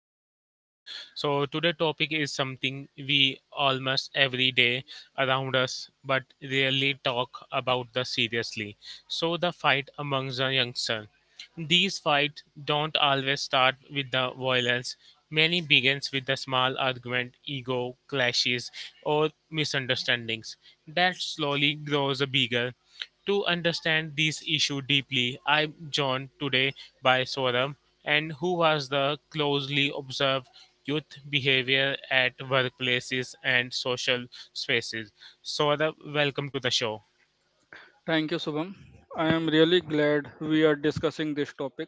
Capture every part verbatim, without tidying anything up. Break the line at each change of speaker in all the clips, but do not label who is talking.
our podcast. So today topic is something we almost every day around us but rarely talk about the seriously. So the fight amongst the youngsters. These fights don't always start with the violence. Many begins with the small argument, ego clashes or misunderstandings that slowly grows bigger. To understand these issues deeply, I'm joined today by Soram, and who was the closely observed youth behavior at workplaces and social spaces. Soram, welcome to the show.
Thank you, Subham. I am really glad we are discussing this topic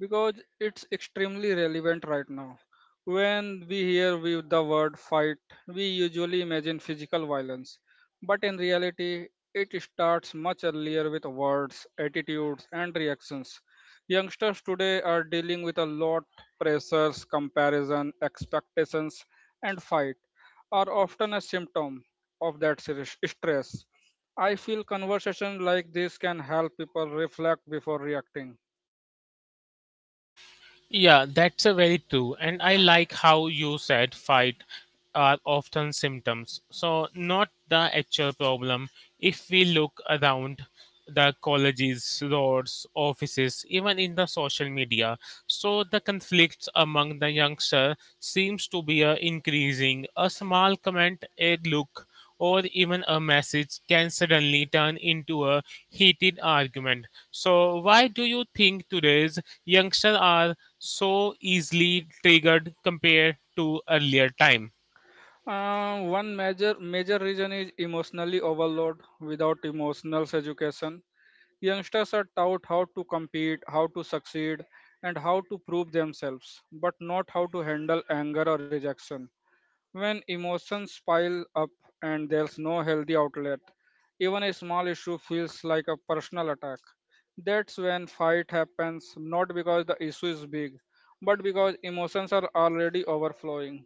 because it's extremely relevant right now. When we hear we, the word fight, we usually imagine physical violence, but in reality, it starts much earlier with words, attitudes, and reactions. Youngsters today are dealing with a lot pressures, comparison, expectations, and fight are often a symptom of that serious stress. I feel conversations like this can help people reflect before reacting.
Yeah, that's a very true. And I like how you said fight are often symptoms. So not the actual problem. If we look around the colleges, roads, offices, even in the social media, so the conflicts among the youngster seems to be uh, increasing. A small comment, a look or even a message can suddenly turn into a heated argument. So, why do you think today's youngsters are so easily triggered compared to earlier time?
Uh, one major major reason is emotionally overload. Without emotional education, youngsters are taught how to compete, how to succeed, and how to prove themselves, but not how to handle anger or rejection. When emotions pile up and there's no healthy outlet, even a small issue feels like a personal attack. That's when fight happens, not because the issue is big, but because emotions are already overflowing.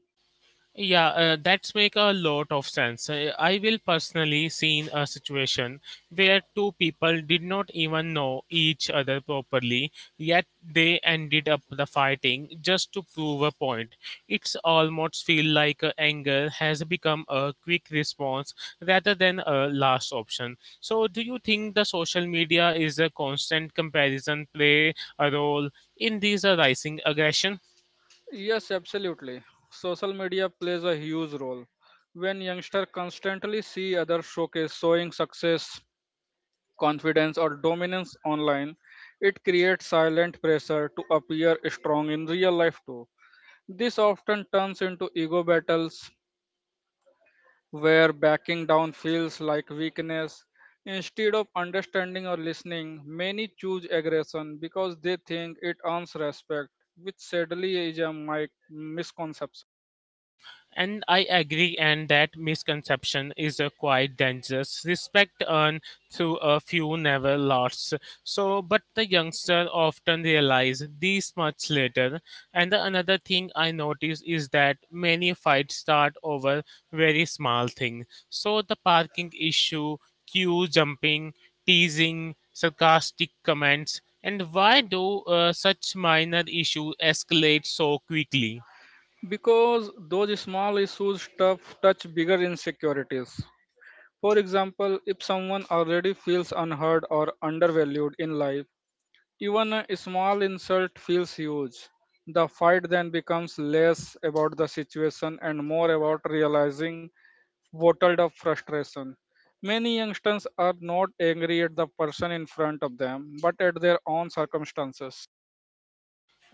Yeah, uh, that's make a lot of sense. Uh, I will personally seen a situation where two people did not even know each other properly, yet they ended up the fighting just to prove a point. It's almost feel like uh, anger has become a quick response rather than a last option. So, do you think the social media is a constant comparison play a role in these uh, rising aggression?
Yes, absolutely. Social media plays a huge role. When youngsters constantly see others showcase showing success, confidence, or dominance online, it creates silent pressure to appear strong in real life too. This often turns into ego battles where backing down feels like weakness. Instead of understanding or listening, many choose aggression because they think it earns respect, which sadly is a mi- misconception.
And I agree, and that misconception is uh, quite dangerous. Respect earned through a few never lost. So, but the youngster often realize this much later. And the another thing I notice is that many fights start over very small thing. So the parking issue, queue jumping, teasing, sarcastic comments, and why do uh, such minor issue escalate so quickly?
Because those small issues tough touch bigger insecurities. For example, if someone already feels unheard or undervalued in life, even a small insult feels huge. The fight then becomes less about the situation and more about realizing bottled up frustration. Many youngsters are not angry at the person in front of them, but at their own circumstances.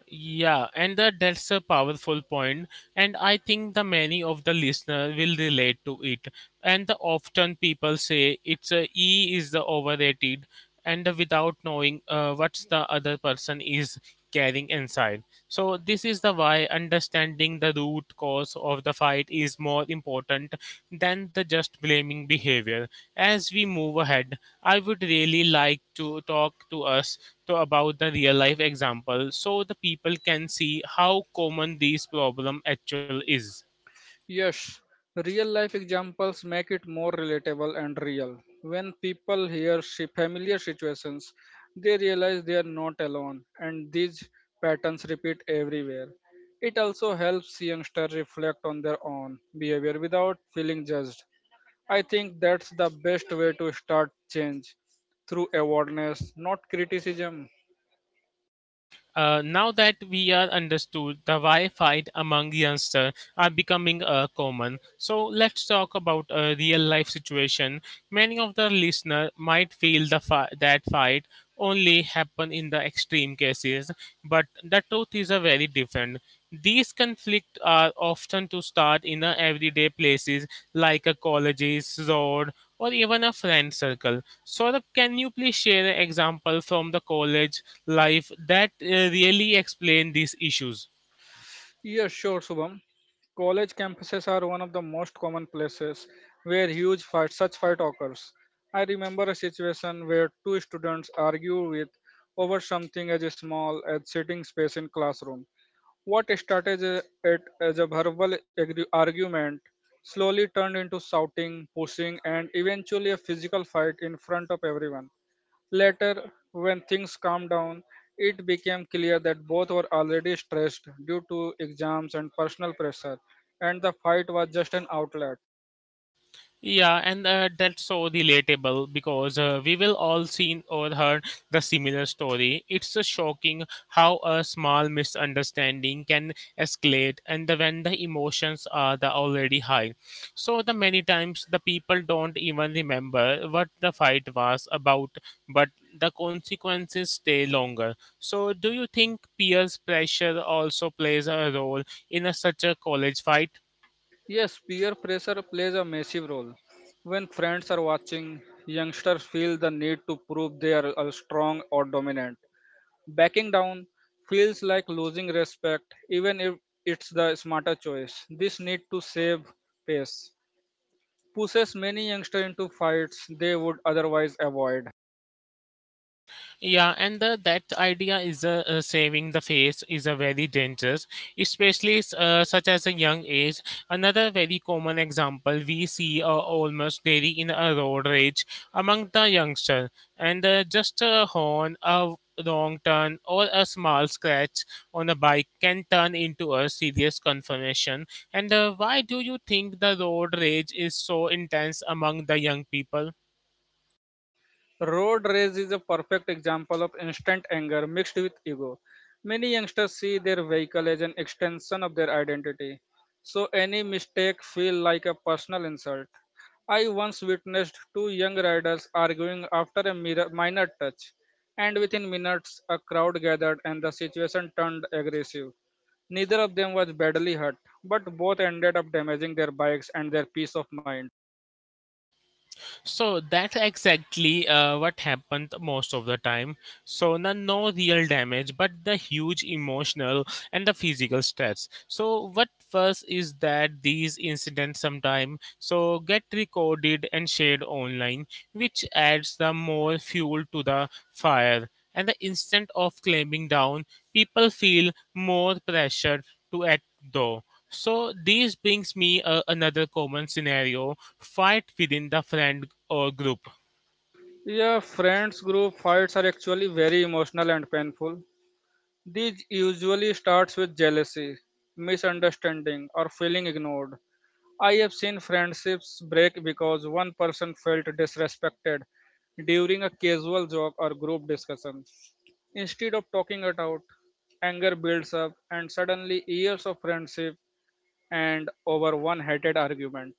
Yeah, and that that's a powerful point, and I think the many of the listener will relate to it. And the often people say it's a E is the overrated, and the without knowing uh, what's the other person is carrying inside. So this is the why understanding the root cause of the fight is more important than the just blaming behavior. As we move ahead, I would really like to talk to us to about the real life example so the people can see how common this problem actually is.
Yes, real life examples make it more relatable and real. When people hear si- familiar situations, they realize they are not alone, and these patterns repeat everywhere. It also helps youngsters reflect on their own behavior without feeling judged. I think that's the best way to start change through awareness, not criticism.
Uh, now that we are understood, the why fight among youngsters are becoming uh, common. So let's talk about a real life situation. Many of the listeners might feel the fi- that fight only happen in the extreme cases, but the truth is a very different. These conflicts are often to start in the everyday places like a colleges, road, or even a friend circle. Saurabh, can you please share an example from the college life that uh, really explain these issues?
Yes, sure, Shubham. College campuses are one of the most common places where huge fight, such fight occurs. I remember a situation where two students argue with over something as small as sitting space in classroom. What started as a- it as a verbal agre- argument slowly turned into shouting, pushing, and eventually a physical fight in front of everyone. Later, when things calmed down, it became clear that both were already stressed due to exams and personal pressure, and the fight was just an outlet.
Yeah, and uh, that's so relatable because uh, we will all seen or heard the similar story. It's uh, shocking how a small misunderstanding can escalate, and the, when the emotions are the already high. So the many times the people don't even remember what the fight was about, but the consequences stay longer. So do you think peers pressure also plays a role in a, such a college fight?
Yes, peer pressure plays a massive role. When friends are watching, youngsters feel the need to prove they are uh, strong or dominant. Backing down feels like losing respect, even if it's the smarter choice. This need to save pace pushes many youngsters into fights they would otherwise avoid.
Yeah, and the, that idea is uh, uh, saving the face is a very dangerous, especially uh, such as a young age. Another very common example we see uh, almost daily in a road rage among the youngster, and uh, just a horn, a wrong turn, or a small scratch on a bike can turn into a serious confrontation. And uh, why do you think the road rage is so intense among the young people?
Road rage is a perfect example of instant anger mixed with ego. Many youngsters see their vehicle as an extension of their identity, so any mistake feels like a personal insult. I once witnessed two young riders arguing after a mir- minor touch, and within minutes a crowd gathered and the situation turned aggressive. Neither of them was badly hurt, but both ended up damaging their bikes and their peace of mind.
So that's exactly uh, what happened most of the time. So no, no real damage, but the huge emotional and the physical stress. So what first is that these incidents sometime so get recorded and shared online, which adds the more fuel to the fire and the instant of climbing down, people feel more pressure to act though. So this brings me uh, another common scenario: fight within the friend or group.
Yeah, friends group fights are actually very emotional and painful. These usually starts with jealousy, misunderstanding, or feeling ignored. I have seen friendships break because one person felt disrespected during a casual joke or group discussion. Instead of talking it out, anger builds up and suddenly years of friendship and over one heated argument.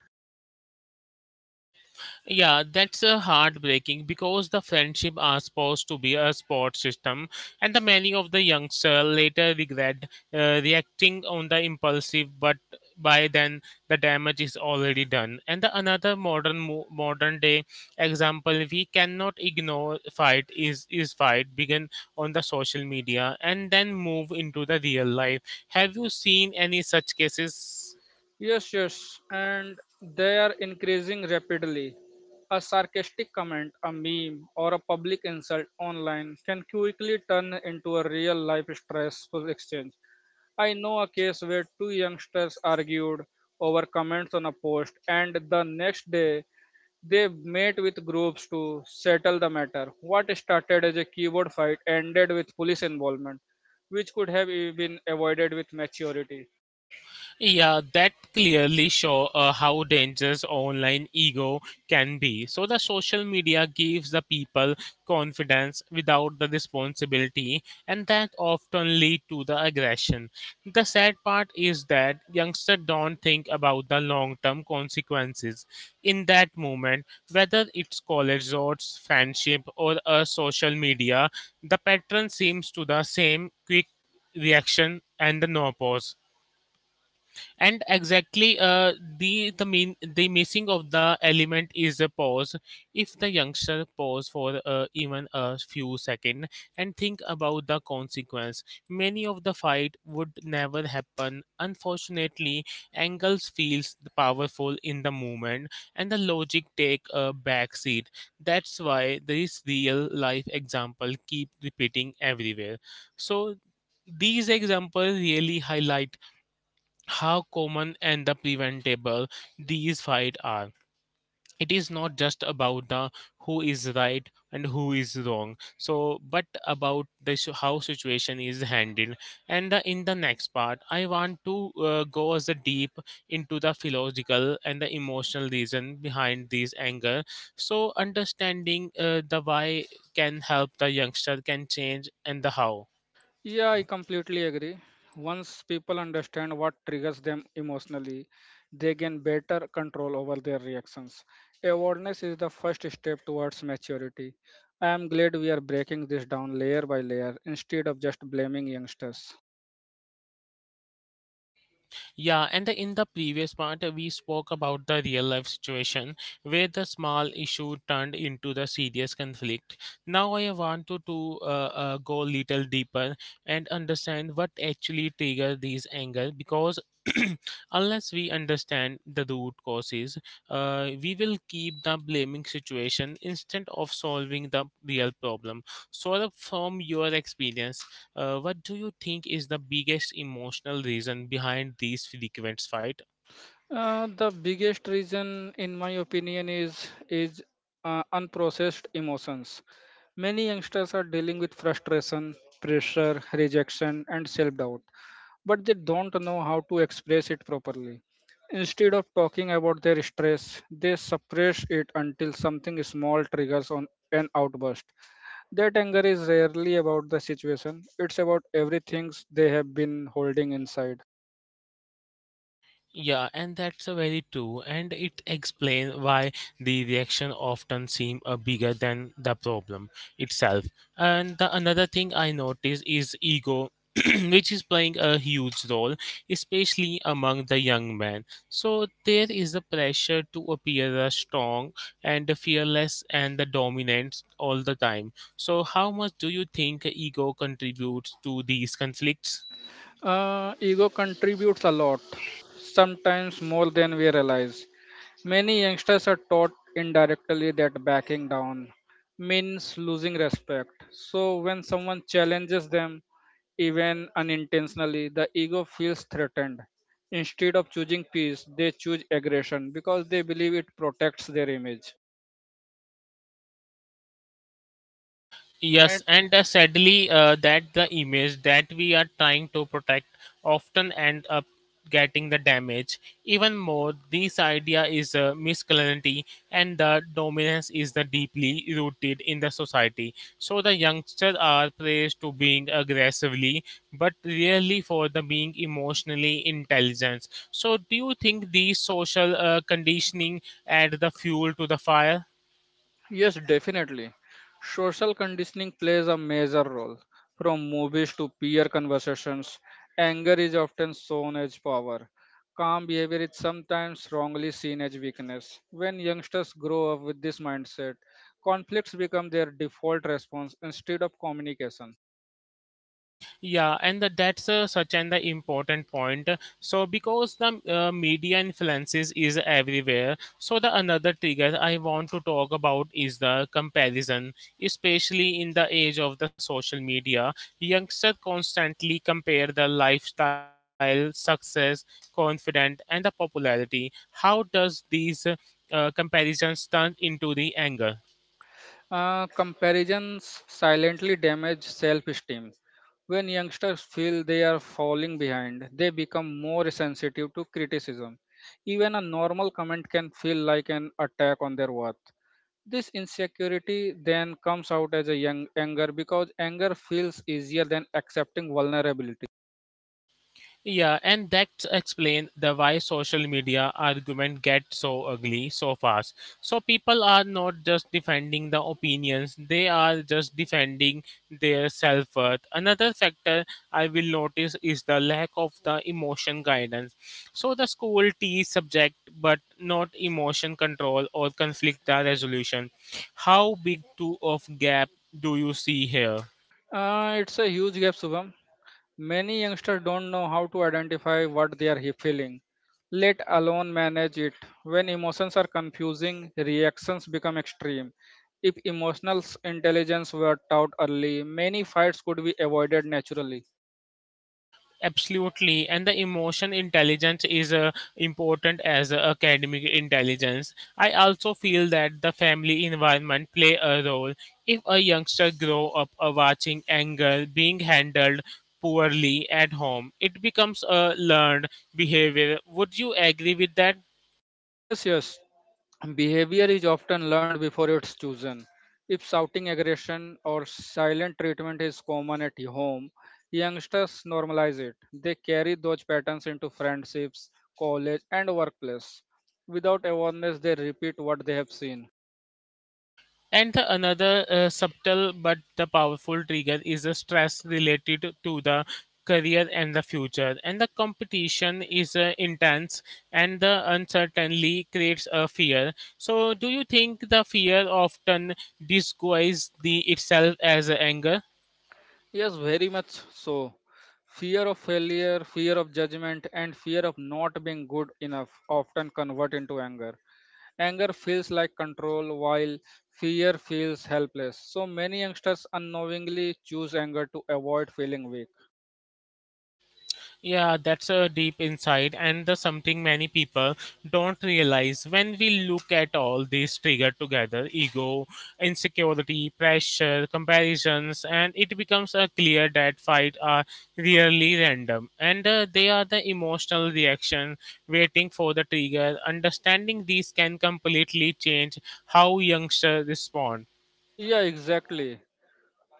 Yeah, that's uh, heartbreaking because the friendship are supposed to be a support system, and the many of the youngster later regret uh, reacting on the impulsive, but by then the damage is already done. And the another modern mo- modern day example we cannot ignore fight is is fight begin on the social media and then move into the real life. Have you seen any such cases?
Yes, yes, and they are increasing rapidly. A sarcastic comment, a meme, or a public insult online can quickly turn into a real life stressful exchange. I know a case where two youngsters argued over comments on a post, and the next day they met with groups to settle the matter. What started as a keyboard fight ended with police involvement, which could have been avoided with maturity.
Yeah, that clearly show uh, how dangerous online ego can be. So the social media gives the people confidence without the responsibility, and that often lead to the aggression. The sad part is that youngsters don't think about the long-term consequences in that moment, whether it's college resorts, friendship, or a social media. The pattern seems to the same quick reaction and the no pause and exactly uh, the the mean the missing of the element is a pause. If the youngster pause for uh, even a few seconds and think about the consequence, many of the fight would never happen. Unfortunately, angles feels powerful in the moment and the logic take a back seat. That's why this real life example keep repeating everywhere. So these examples really highlight how common and the preventable these fights are. It is not just about the who is right and who is wrong. So, but about the su- how situation is handled. And uh, in the next part, I want to uh, go as a deep into the philosophical and the emotional reason behind these anger. So, understanding uh, the why can help the youngster can change and the how.
Yeah, I completely agree. Once people understand what triggers them emotionally, they gain better control over their reactions. Awareness is the first step towards maturity. I am glad we are breaking this down layer by layer instead of just blaming youngsters.
Yeah, and in the previous part, we spoke about the real life situation where the small issue turned into the serious conflict. Now, I want to, to uh, uh, go little deeper and understand what actually triggers these anger because unless we understand the root causes, uh, we will keep the blaming situation instead of solving the real problem. So, from your experience, uh, what do you think is the biggest emotional reason behind these frequent fight?
Uh, the biggest reason, in my opinion, is is uh, unprocessed emotions. Many youngsters are dealing with frustration, pressure, rejection, and self doubt but they don't know how to express it properly. Instead of talking about their stress, they suppress it until something small triggers on an outburst. That anger is rarely about the situation, it's about everything they have been holding inside.
Yeah, and that's a very true, and it explains why the reaction often seem uh, bigger than the problem itself. And the another thing I notice is ego, which is playing a huge role, especially among the young men. So there is a pressure to appear as strong and fearless and the dominant all the time. So how much do you think ego contributes to these conflicts?
Uh, ego contributes a lot, sometimes more than we realize. Many youngsters are taught indirectly that backing down means losing respect. So when someone challenges them, even unintentionally, the ego feels threatened. Instead of choosing peace, they choose aggression because they believe it protects their image.
Yes,
And
and uh, sadly, uh, that the image that we are trying to protect often end up getting the damage. Even more, this idea is uh, masculinity, and the dominance is the deeply rooted in the society. So the youngsters are praised to being aggressively, but rarely for the being emotionally intelligent. So, do you think these social uh, conditioning add the fuel to the fire?
yes, definitely. Social conditioning plays a major role. From movies to peer conversations, anger is often shown as power. Calm behavior is sometimes wrongly seen as weakness. When youngsters grow up with this mindset, conflicts become their default response instead of communication.
Yeah, and the, that's uh, such an the important point. So because the uh, media influences is everywhere, so the another trigger I want to talk about is the comparison, especially in the age of the social media. Youngsters constantly compare the lifestyle, success, confidence, and the popularity. How does these uh, uh, comparisons turn into the anger?
Uh, comparisons silently damage self esteem. When youngsters feel they are falling behind, they become more sensitive to criticism. Even a normal comment can feel like an attack on their worth. This insecurity then comes out as a young anger because anger feels easier than accepting vulnerability.
Yeah, and that explains the why social media argument get so ugly so fast. So people are not just defending the opinions; they are just defending their self worth. Another factor I will notice is the lack of the emotion guidance. So the school teaches subject, but not emotion control or conflict resolution. How big two of gap do you see here?
Uh, it's a huge gap, Subham. Many youngsters don't know how to identify what they are he- feeling, let alone manage it. When emotions are confusing, reactions become extreme. If emotional s- intelligence were taught early, many fights could be avoided naturally.
Absolutely. And the emotion intelligence is uh, important as uh, academic intelligence. I also feel that the family environment play a role. If a youngster grow up uh, watching anger being handled poorly at home, it becomes a learned behavior. Would you agree with that?
Yes, yes. Behavior is often learned before it's chosen. If shouting aggression or silent treatment is common at home, youngsters normalize it. They carry those patterns into friendships, college, and workplace. Without awareness, they repeat what they have seen.
And the another uh, subtle but the powerful trigger is the stress related to the career and the future. And the competition is uh, intense and the uncertainty creates a fear. So do you think the fear often disguises the itself as anger?
Yes, very much so. Fear of failure, fear of judgment, and fear of not being good enough often convert into anger. Anger feels like control, while fear feels helpless. So many youngsters unknowingly choose anger to avoid feeling weak.
Yeah, that's a deep insight, and the something many people don't realize when we look at all these trigger together ego, insecurity, pressure, comparisons, and it becomes uh, clear that fight are really random and uh, they are the emotional reaction waiting for the trigger. Understanding these can completely change how youngsters respond.
Yeah, exactly.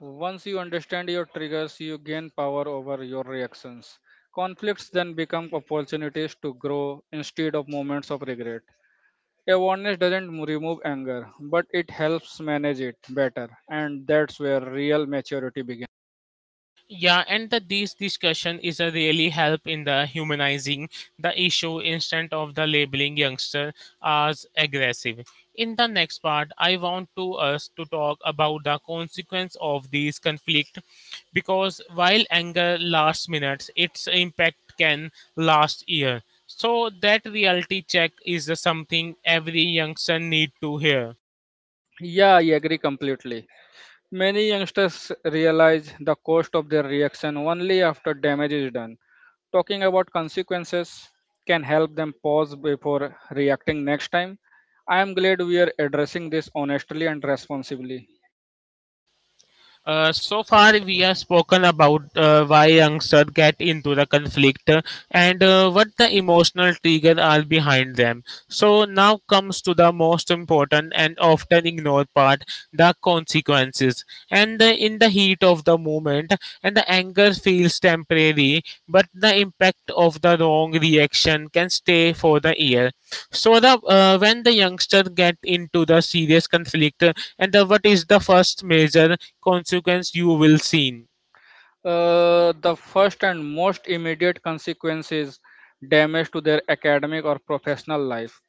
Once you understand your triggers, you gain power over your reactions. Conflicts then become opportunities to grow instead of moments of regret. Awareness doesn't m- remove anger, but it helps manage it better, and that's where real maturity begins.
Yeah, and the, this discussion is a really help in the humanizing the issue instead of the labeling youngster as aggressive. In the next part, I want to us to talk about the consequence of these conflict because while anger lasts minutes, its impact can last year. So that reality check is something every youngster need to hear.
Yeah, I agree completely. Many youngsters realize the cost of their reaction only after damage is done. Talking about consequences can help them pause before reacting next time. I am glad we are addressing this honestly and responsibly.
Uh, so far, we have spoken about uh, why youngsters get into the conflict uh, and uh, what the emotional triggers are behind them. So now comes to the most important and often ignored part: the consequences. And uh, In the heat of the moment, and the anger feels temporary, but the impact of the wrong reaction can stay for the year. So the uh, when the youngster get into the serious conflict, uh, and the, what is the first major consequence you will see?
Uh, the first and most immediate consequence is damage to their academic or professional life.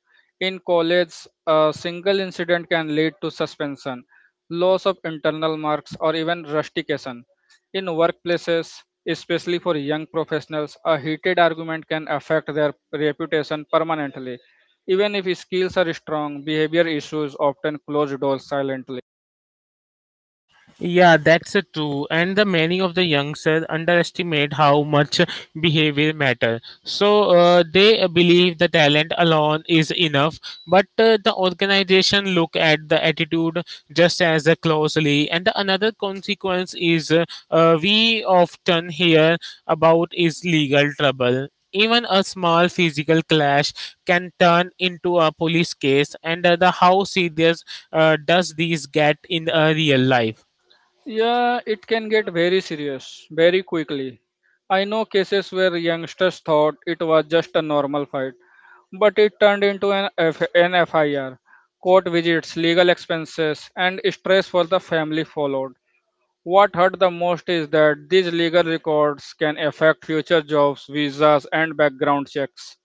In college, a single incident can lead to suspension, loss of internal marks, or even rustication. In workplaces, especially for young professionals, a heated argument can affect their reputation permanently. Even if skills are strong, behavior issues often close doors silently.
Yeah, that's uh, true. And the many of the youngsters underestimate how much behavior matter. So uh, they uh, believe the talent alone is enough, but uh, the organization look at the attitude just as uh, closely. And the another consequence is uh, uh, we often hear about is legal trouble. Even a small physical clash can turn into a police case, and uh, the how serious uh, does these get in uh, real life?
Yeah, it can get very serious very quickly. I know cases where youngsters thought it was just a normal fight, but it turned into an, F- an F I R. Court visits, legal expenses, and stress for the family followed. What hurt the most is that these legal records can affect future jobs, visas, and background checks.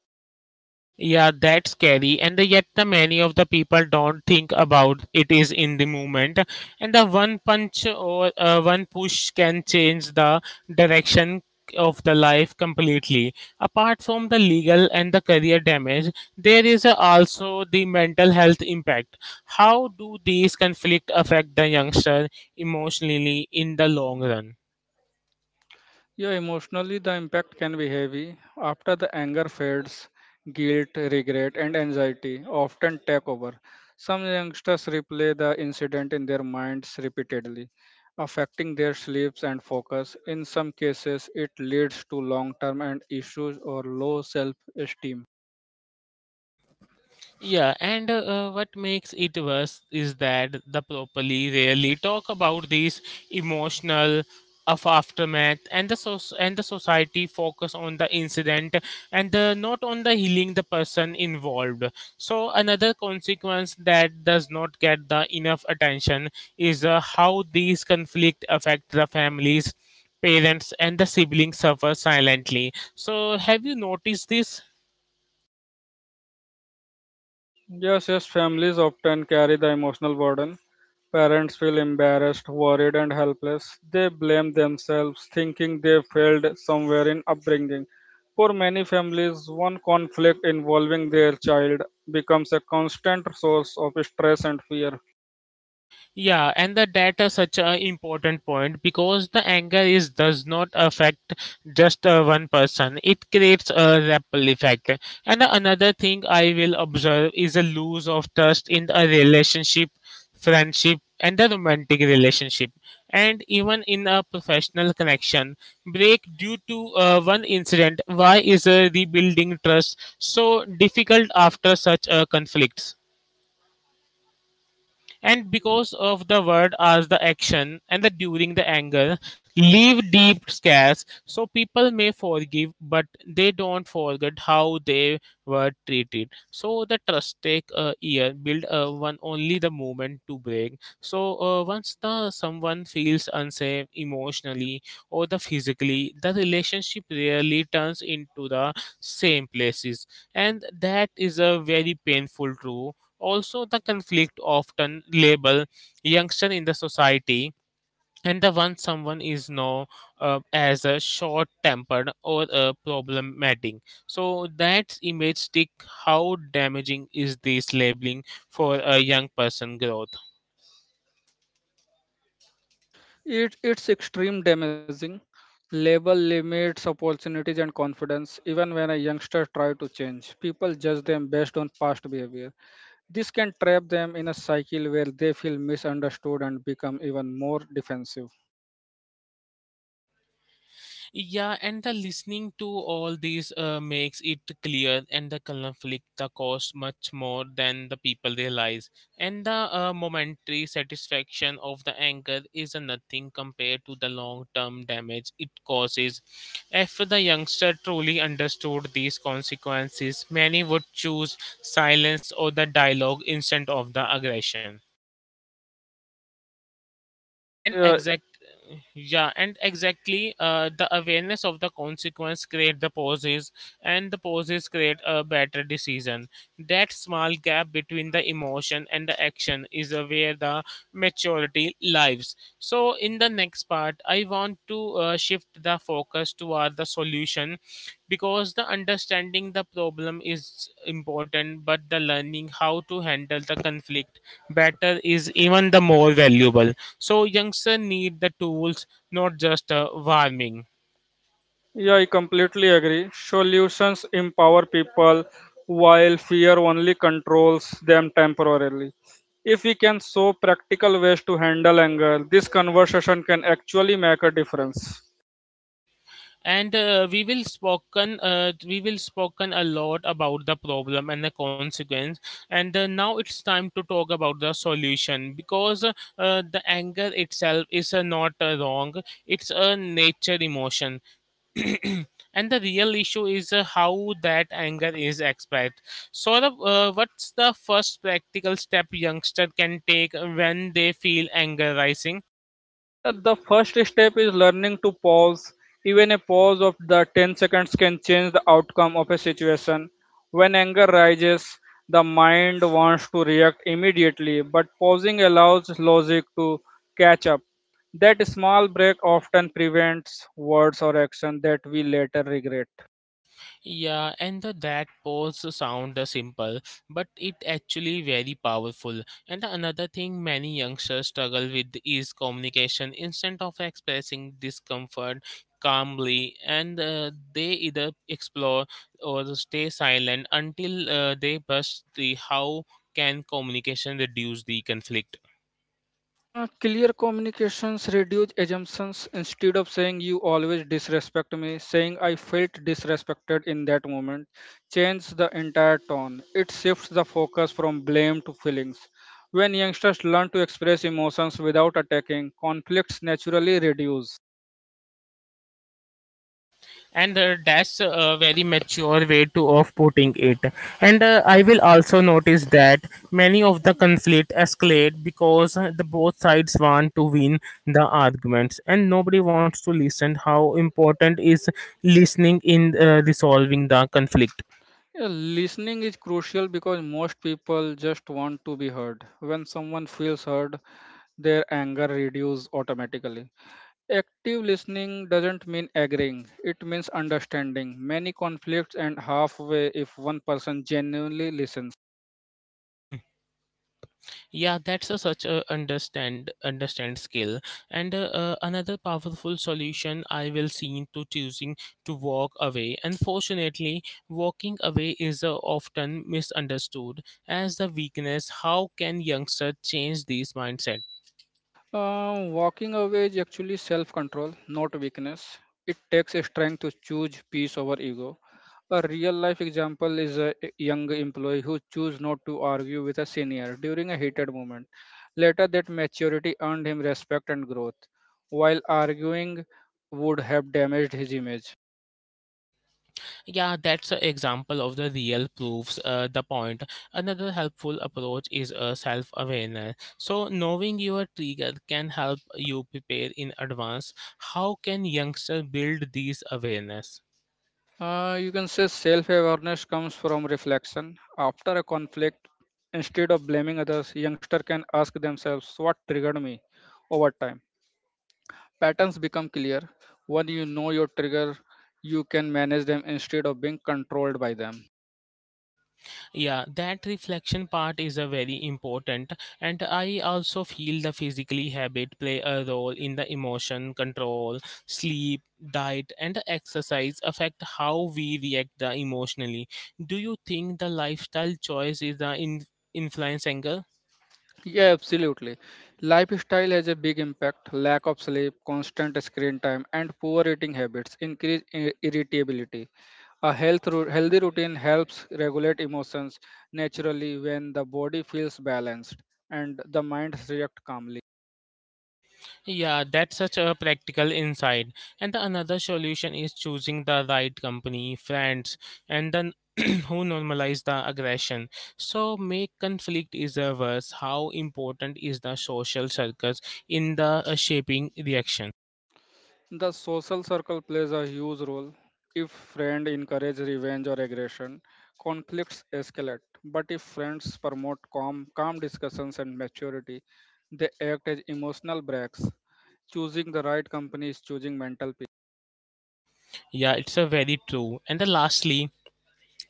Yeah, that's scary, and yet the many of the people don't think about it is in the moment, and the one punch or uh, one push can change the direction of the life completely. Apart from the legal and the career damage, there is uh, also the mental health impact. How do these conflict affect the youngster emotionally in the long run?
Yeah, emotionally, the impact can be heavy. After the anger fades, guilt, regret, and anxiety often take over. Some youngsters replay the incident in their minds repeatedly, affecting their sleeps and focus. In some cases, it leads to long term and issues or low self esteem.
Yeah, and uh, uh, what makes it worse is that the properly rarely talk about these emotional of aftermath and the so- and the society focus on the incident and the, not on the healing the person involved. So another consequence that does not get the enough attention is uh, how these conflict affect the families, parents and the siblings suffer silently. So have you noticed this?
Yes, yes, families often carry the emotional burden. Parents feel embarrassed, worried, and helpless. They blame themselves, thinking they failed somewhere in upbringing. For many families, one conflict involving their child becomes a constant source of stress and fear.
Yeah, and the data is such an important point because the anger is does not affect just uh, one person. It creates a ripple effect. And another thing I will observe is a lose of trust in a relationship, friendship, and the romantic relationship, and even in a professional connection. Break due to uh, one incident. Why is uh, rebuilding trust so difficult after such a conflicts? And because of the word as the action and the during the anger leave deep scars, so people may forgive, but they don't forget how they were treated. So the trust take a year build uh, one only the moment to break. So uh, once the someone feels unsafe emotionally or the physically, the relationship rarely turns into the same places, and that is a very painful truth. Also, the conflict often label youngster in the society and the one someone is known uh, as a short-tempered or a problematic. So that image stick. How damaging is this labeling for a young person growth?
It, it's extreme damaging. Label limits opportunities and confidence even when a youngster try to change. People judge them based on past behavior. This can trap them in a cycle where they feel misunderstood and become even more defensive.
Yeah, and the listening to all these uh, makes it clear and the conflict the cost much more than the people realize. And the uh, momentary satisfaction of the anger is nothing compared to the long term damage it causes. If the youngster truly understood these consequences, many would choose silence or the dialogue instead of the aggression and
Yeah,
exact. Yeah and exactly uh, the awareness of the consequence create the pauses and the pauses create a better decision. That small gap between the emotion and the action is uh, where the maturity lives. So, in the next part, I want to uh, shift the focus toward the solution because the understanding the problem is important, but the learning how to handle the conflict better is even the more valuable. So, youngsters need the tools, not just uh, warming.
yeah, I completely agree. Solutions empower people while fear only controls them temporarily. If we can show practical ways to handle anger, this conversation can actually make a difference.
And uh, we will spoken uh, we will spoken a lot about the problem and the consequence and uh, now it's time to talk about the solution because uh, uh, the anger itself is uh, not uh, wrong. It's a nature emotion and the real issue is uh, how that anger is expressed. So the, uh, what's the first practical step youngster can take when they feel anger rising?
Yeah, the first step is learning to pause. Even a pause of the ten seconds can change the outcome of a situation. When anger rises, the mind wants to react immediately, but pausing allows logic to catch up. That small break often prevents words or action that we later regret.
Yeah, and the that pose sound uh, simple, but it actually very powerful. And another thing many youngsters struggle with is communication. Instead of expressing discomfort calmly, and uh, they either explore or stay silent until uh, they bust the how can communication reduce the conflict.
Uh, clear communications reduce assumptions. Instead of saying you always disrespect me, saying I felt disrespected in that moment change the entire tone. It shifts the focus from blame to feelings. When youngsters learn to express emotions without attacking, conflicts naturally reduce.
And uh, that's a very mature way to of putting it and uh, I will also notice that many of the conflict escalate because the both sides want to win the arguments and nobody wants to listen. How important is listening in uh, resolving the conflict?
Yeah, listening is crucial because most people just want to be heard. When someone feels heard, their anger reduces automatically. Active listening doesn't mean agreeing, it means understanding. Many conflicts end halfway if one person genuinely listens.
Yeah, that's a such a understand understand skill. And uh, uh, another powerful solution I will see to choosing to walk away. Unfortunately, walking away is uh, often misunderstood as the weakness. How can youngsters change this mindset?
Um, walking away is actually self control, not weakness. It takes a strength to choose peace over ego. A real life example is a young employee who chose not to argue with a senior during a heated moment. Later, that maturity earned him respect and growth, while arguing would have damaged his image.
Yeah, that's an example of the real proofs uh, the point. Another helpful approach is a self awareness. So, knowing your trigger can help you prepare in advance. How can youngsters build these awareness?
Uh, you can say self awareness comes from reflection. After a conflict, instead of blaming others, youngster can ask themselves what triggered me over time. Patterns become clear. When you know your trigger, you can manage them instead of being controlled by them.
Yeah that reflection part is a very important and I also feel the physically habit play a role in the emotion control, sleep, diet and exercise affect how we react the emotionally. Do you think the lifestyle choice is the in- influence angle?
Yeah, absolutely. Lifestyle has a big impact. Lack of sleep, constant screen time, and poor eating habits increase i- irritability. A health ru- healthy routine helps regulate emotions naturally when the body feels balanced and the mind reacts calmly.
Yeah, that's such a practical insight. And the another solution is choosing the right company, friends, and then who normalize the aggression. So make conflict is reverse. How important is the social circles in the uh, shaping reaction?
The social circle plays a huge role. If friends encourage revenge or aggression, conflicts escalate. But if friends promote calm, calm discussions and maturity, they act as emotional breaks. Choosing the right company is choosing mental peace.
Yeah, it's a very true. And the lastly,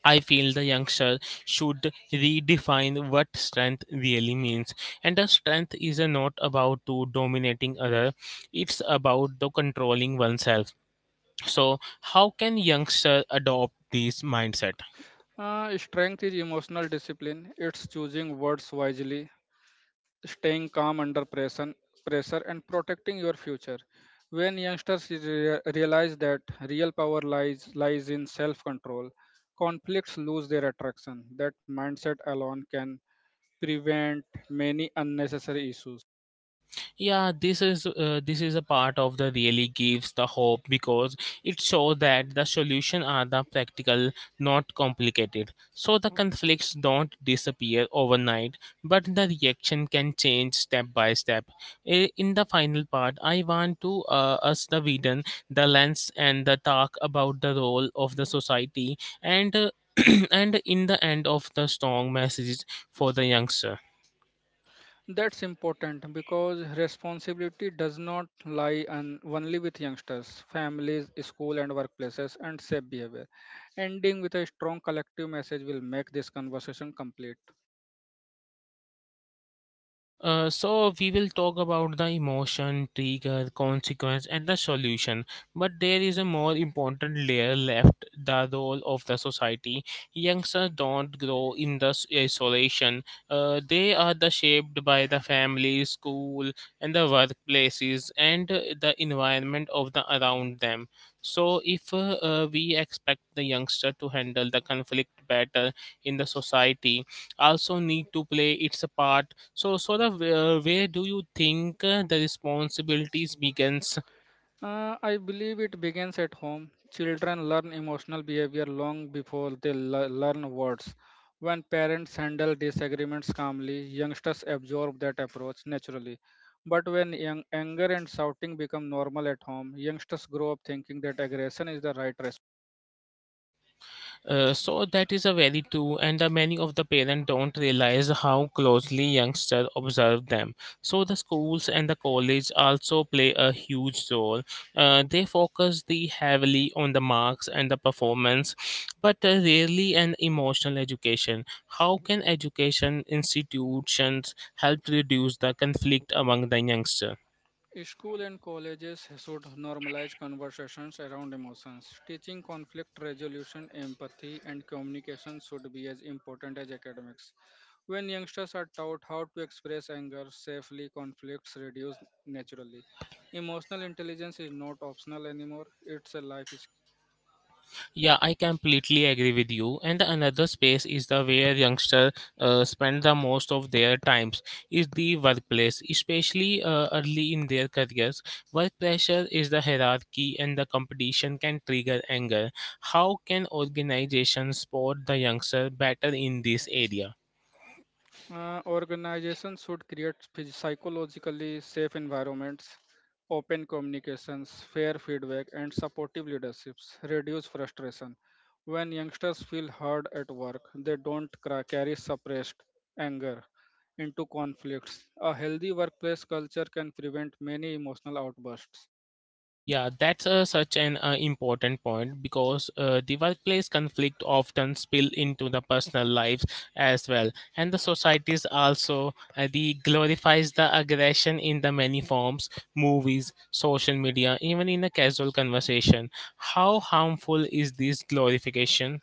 I feel the youngster should redefine what strength really means. And the strength is uh, not about to dominating other. It's about the controlling oneself. So, how can youngsters adopt this mindset?
Uh, strength is emotional discipline. It's choosing words wisely staying calm under pressure, pressure and protecting your future. When youngsters rea- realize that real power lies lies in self-control, conflicts lose their attraction. That mindset alone can prevent many unnecessary issues.
Yeah this is uh, this is a part of the really gives the hope because it shows that the solution are the practical, not complicated. So the conflicts don't disappear overnight but the reaction can change step by step. I- in the final part I want to uh, us the vidan the lens and the talk about the role of the society and uh, and in the end of the strong messages for the youngster.
That's important because responsibility does not lie on only with youngsters, families, school and workplaces and safe behavior. Ending with a strong collective message will make this conversation complete.
Uh, so we will talk about the emotion, trigger, consequence, and the solution. But there is a more important layer left: the role of the society. Youngsters don't grow in the s- isolation. Uh, they are the shaped by the family, school, and the workplaces, and uh, the environment of the around them. So, if uh, uh, we expect the youngster to handle the conflict better in the society, also need to play its part. So, sort of, uh, where do you think uh, the responsibilities begins?
Uh, I believe it begins at home. Children learn emotional behavior long before they le- learn words. When parents handle disagreements calmly, youngsters absorb that approach naturally. But when young, anger and shouting become normal at home, youngsters grow up thinking that aggression is the right.
Uh, so that is a very true, and the many of the parents don't realize how closely youngsters observe them. So the schools and the college also play a huge role. Uh, they focus the heavily on the marks and the performance, but uh, rarely an emotional education. How can education institutions help reduce the conflict among the youngsters?
School and colleges should normalize conversations around emotions. Teaching conflict resolution, empathy, and communication should be as important as academics. When youngsters are taught how to express anger safely, conflicts reduce naturally. Emotional intelligence is not optional anymore, it's a life.
Yeah, I completely agree with you. And another space is the where youngsters uh, spend the most of their times is the workplace, especially uh, early in their careers. Work pressure is the hierarchy, and the competition can trigger anger. How can organizations support the youngster better in this area?
Uh, organizations should create phys- psychologically safe environments, open communications, fair feedback, and supportive leaderships. Reduce frustration. When youngsters feel heard at work, they don't cra- carry suppressed anger into conflicts. A healthy workplace culture can prevent many emotional outbursts.
Yeah, that's uh, such an uh, important point because uh, the workplace conflict often spill into the personal lives as well, and the societies also uh, the glorifies the aggression in the many forms, movies, social media, even in a casual conversation. How harmful is this glorification?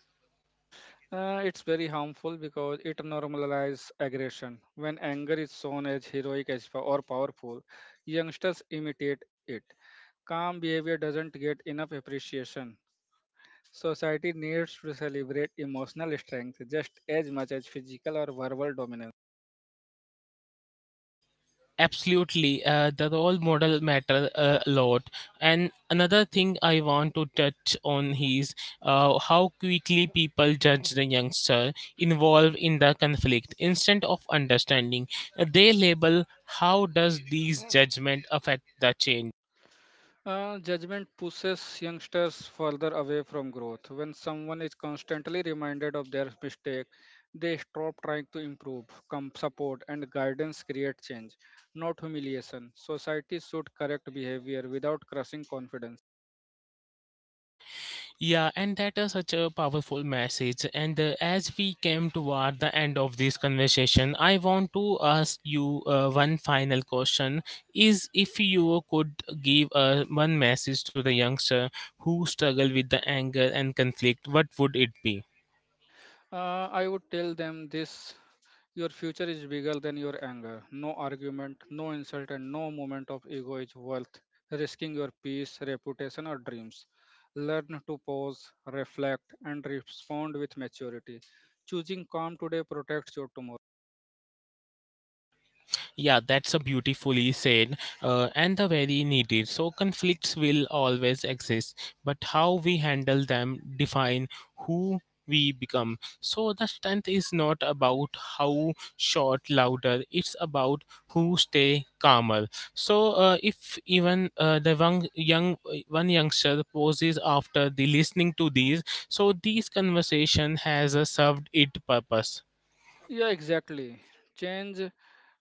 Uh, it's very harmful because it normalizes aggression. When anger is shown as heroic as po- or powerful, youngsters imitate it. Calm behavior doesn't get enough appreciation. Society needs to celebrate emotional strength just as much as physical or verbal dominance.
Absolutely, uh, the role model matter uh, a lot. And another thing I want to touch on is uh, how quickly people judge the youngster involved in the conflict. Instead of understanding, they label how does these judgment affect the change.
Uh, judgment pushes youngsters further away from growth. When someone is constantly reminded of their mistake, they stop trying to improve. Com- support and guidance create change, not humiliation. Society should correct behavior without crushing confidence.
Yeah, and that is such a powerful message. And uh, as we came toward the end of this conversation, I want to ask you uh, one final question: is if you could give uh, one message to the youngster who struggle with the anger and conflict, what would it be?
Uh, I would tell them this: your future is bigger than your anger. No argument, no insult, and no moment of ego is worth risking your peace, reputation, or dreams. Learn to pause, reflect, and respond with maturity. Choosing calm today protects your tomorrow.
Yeah, that's a beautifully said uh, and a very needed. So conflicts will always exist, but how we handle them define who we become. So the strength is not about how short louder, it's about who stay calmer. So uh, if even uh, the one young one youngster poses after the listening to these, so these conversation has uh, served its purpose.
Yeah, exactly. Change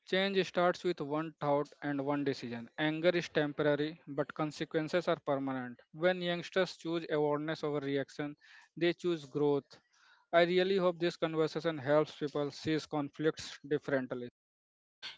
change starts with one thought and one decision. Anger is temporary, but consequences are permanent. When youngsters choose awareness over reaction, they choose growth. I really hope this conversation helps people see conflicts differently.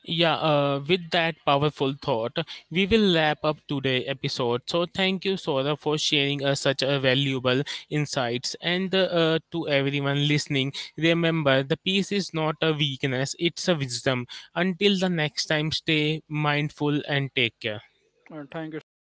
Yeah, uh, with that powerful thought, we will wrap up today's episode. So thank you, Sora, for sharing us such a valuable insights. And uh, uh, to everyone listening, remember the peace is not a weakness; it's a wisdom. Until the next time, stay mindful and take care.
Uh, thank you, Shubham.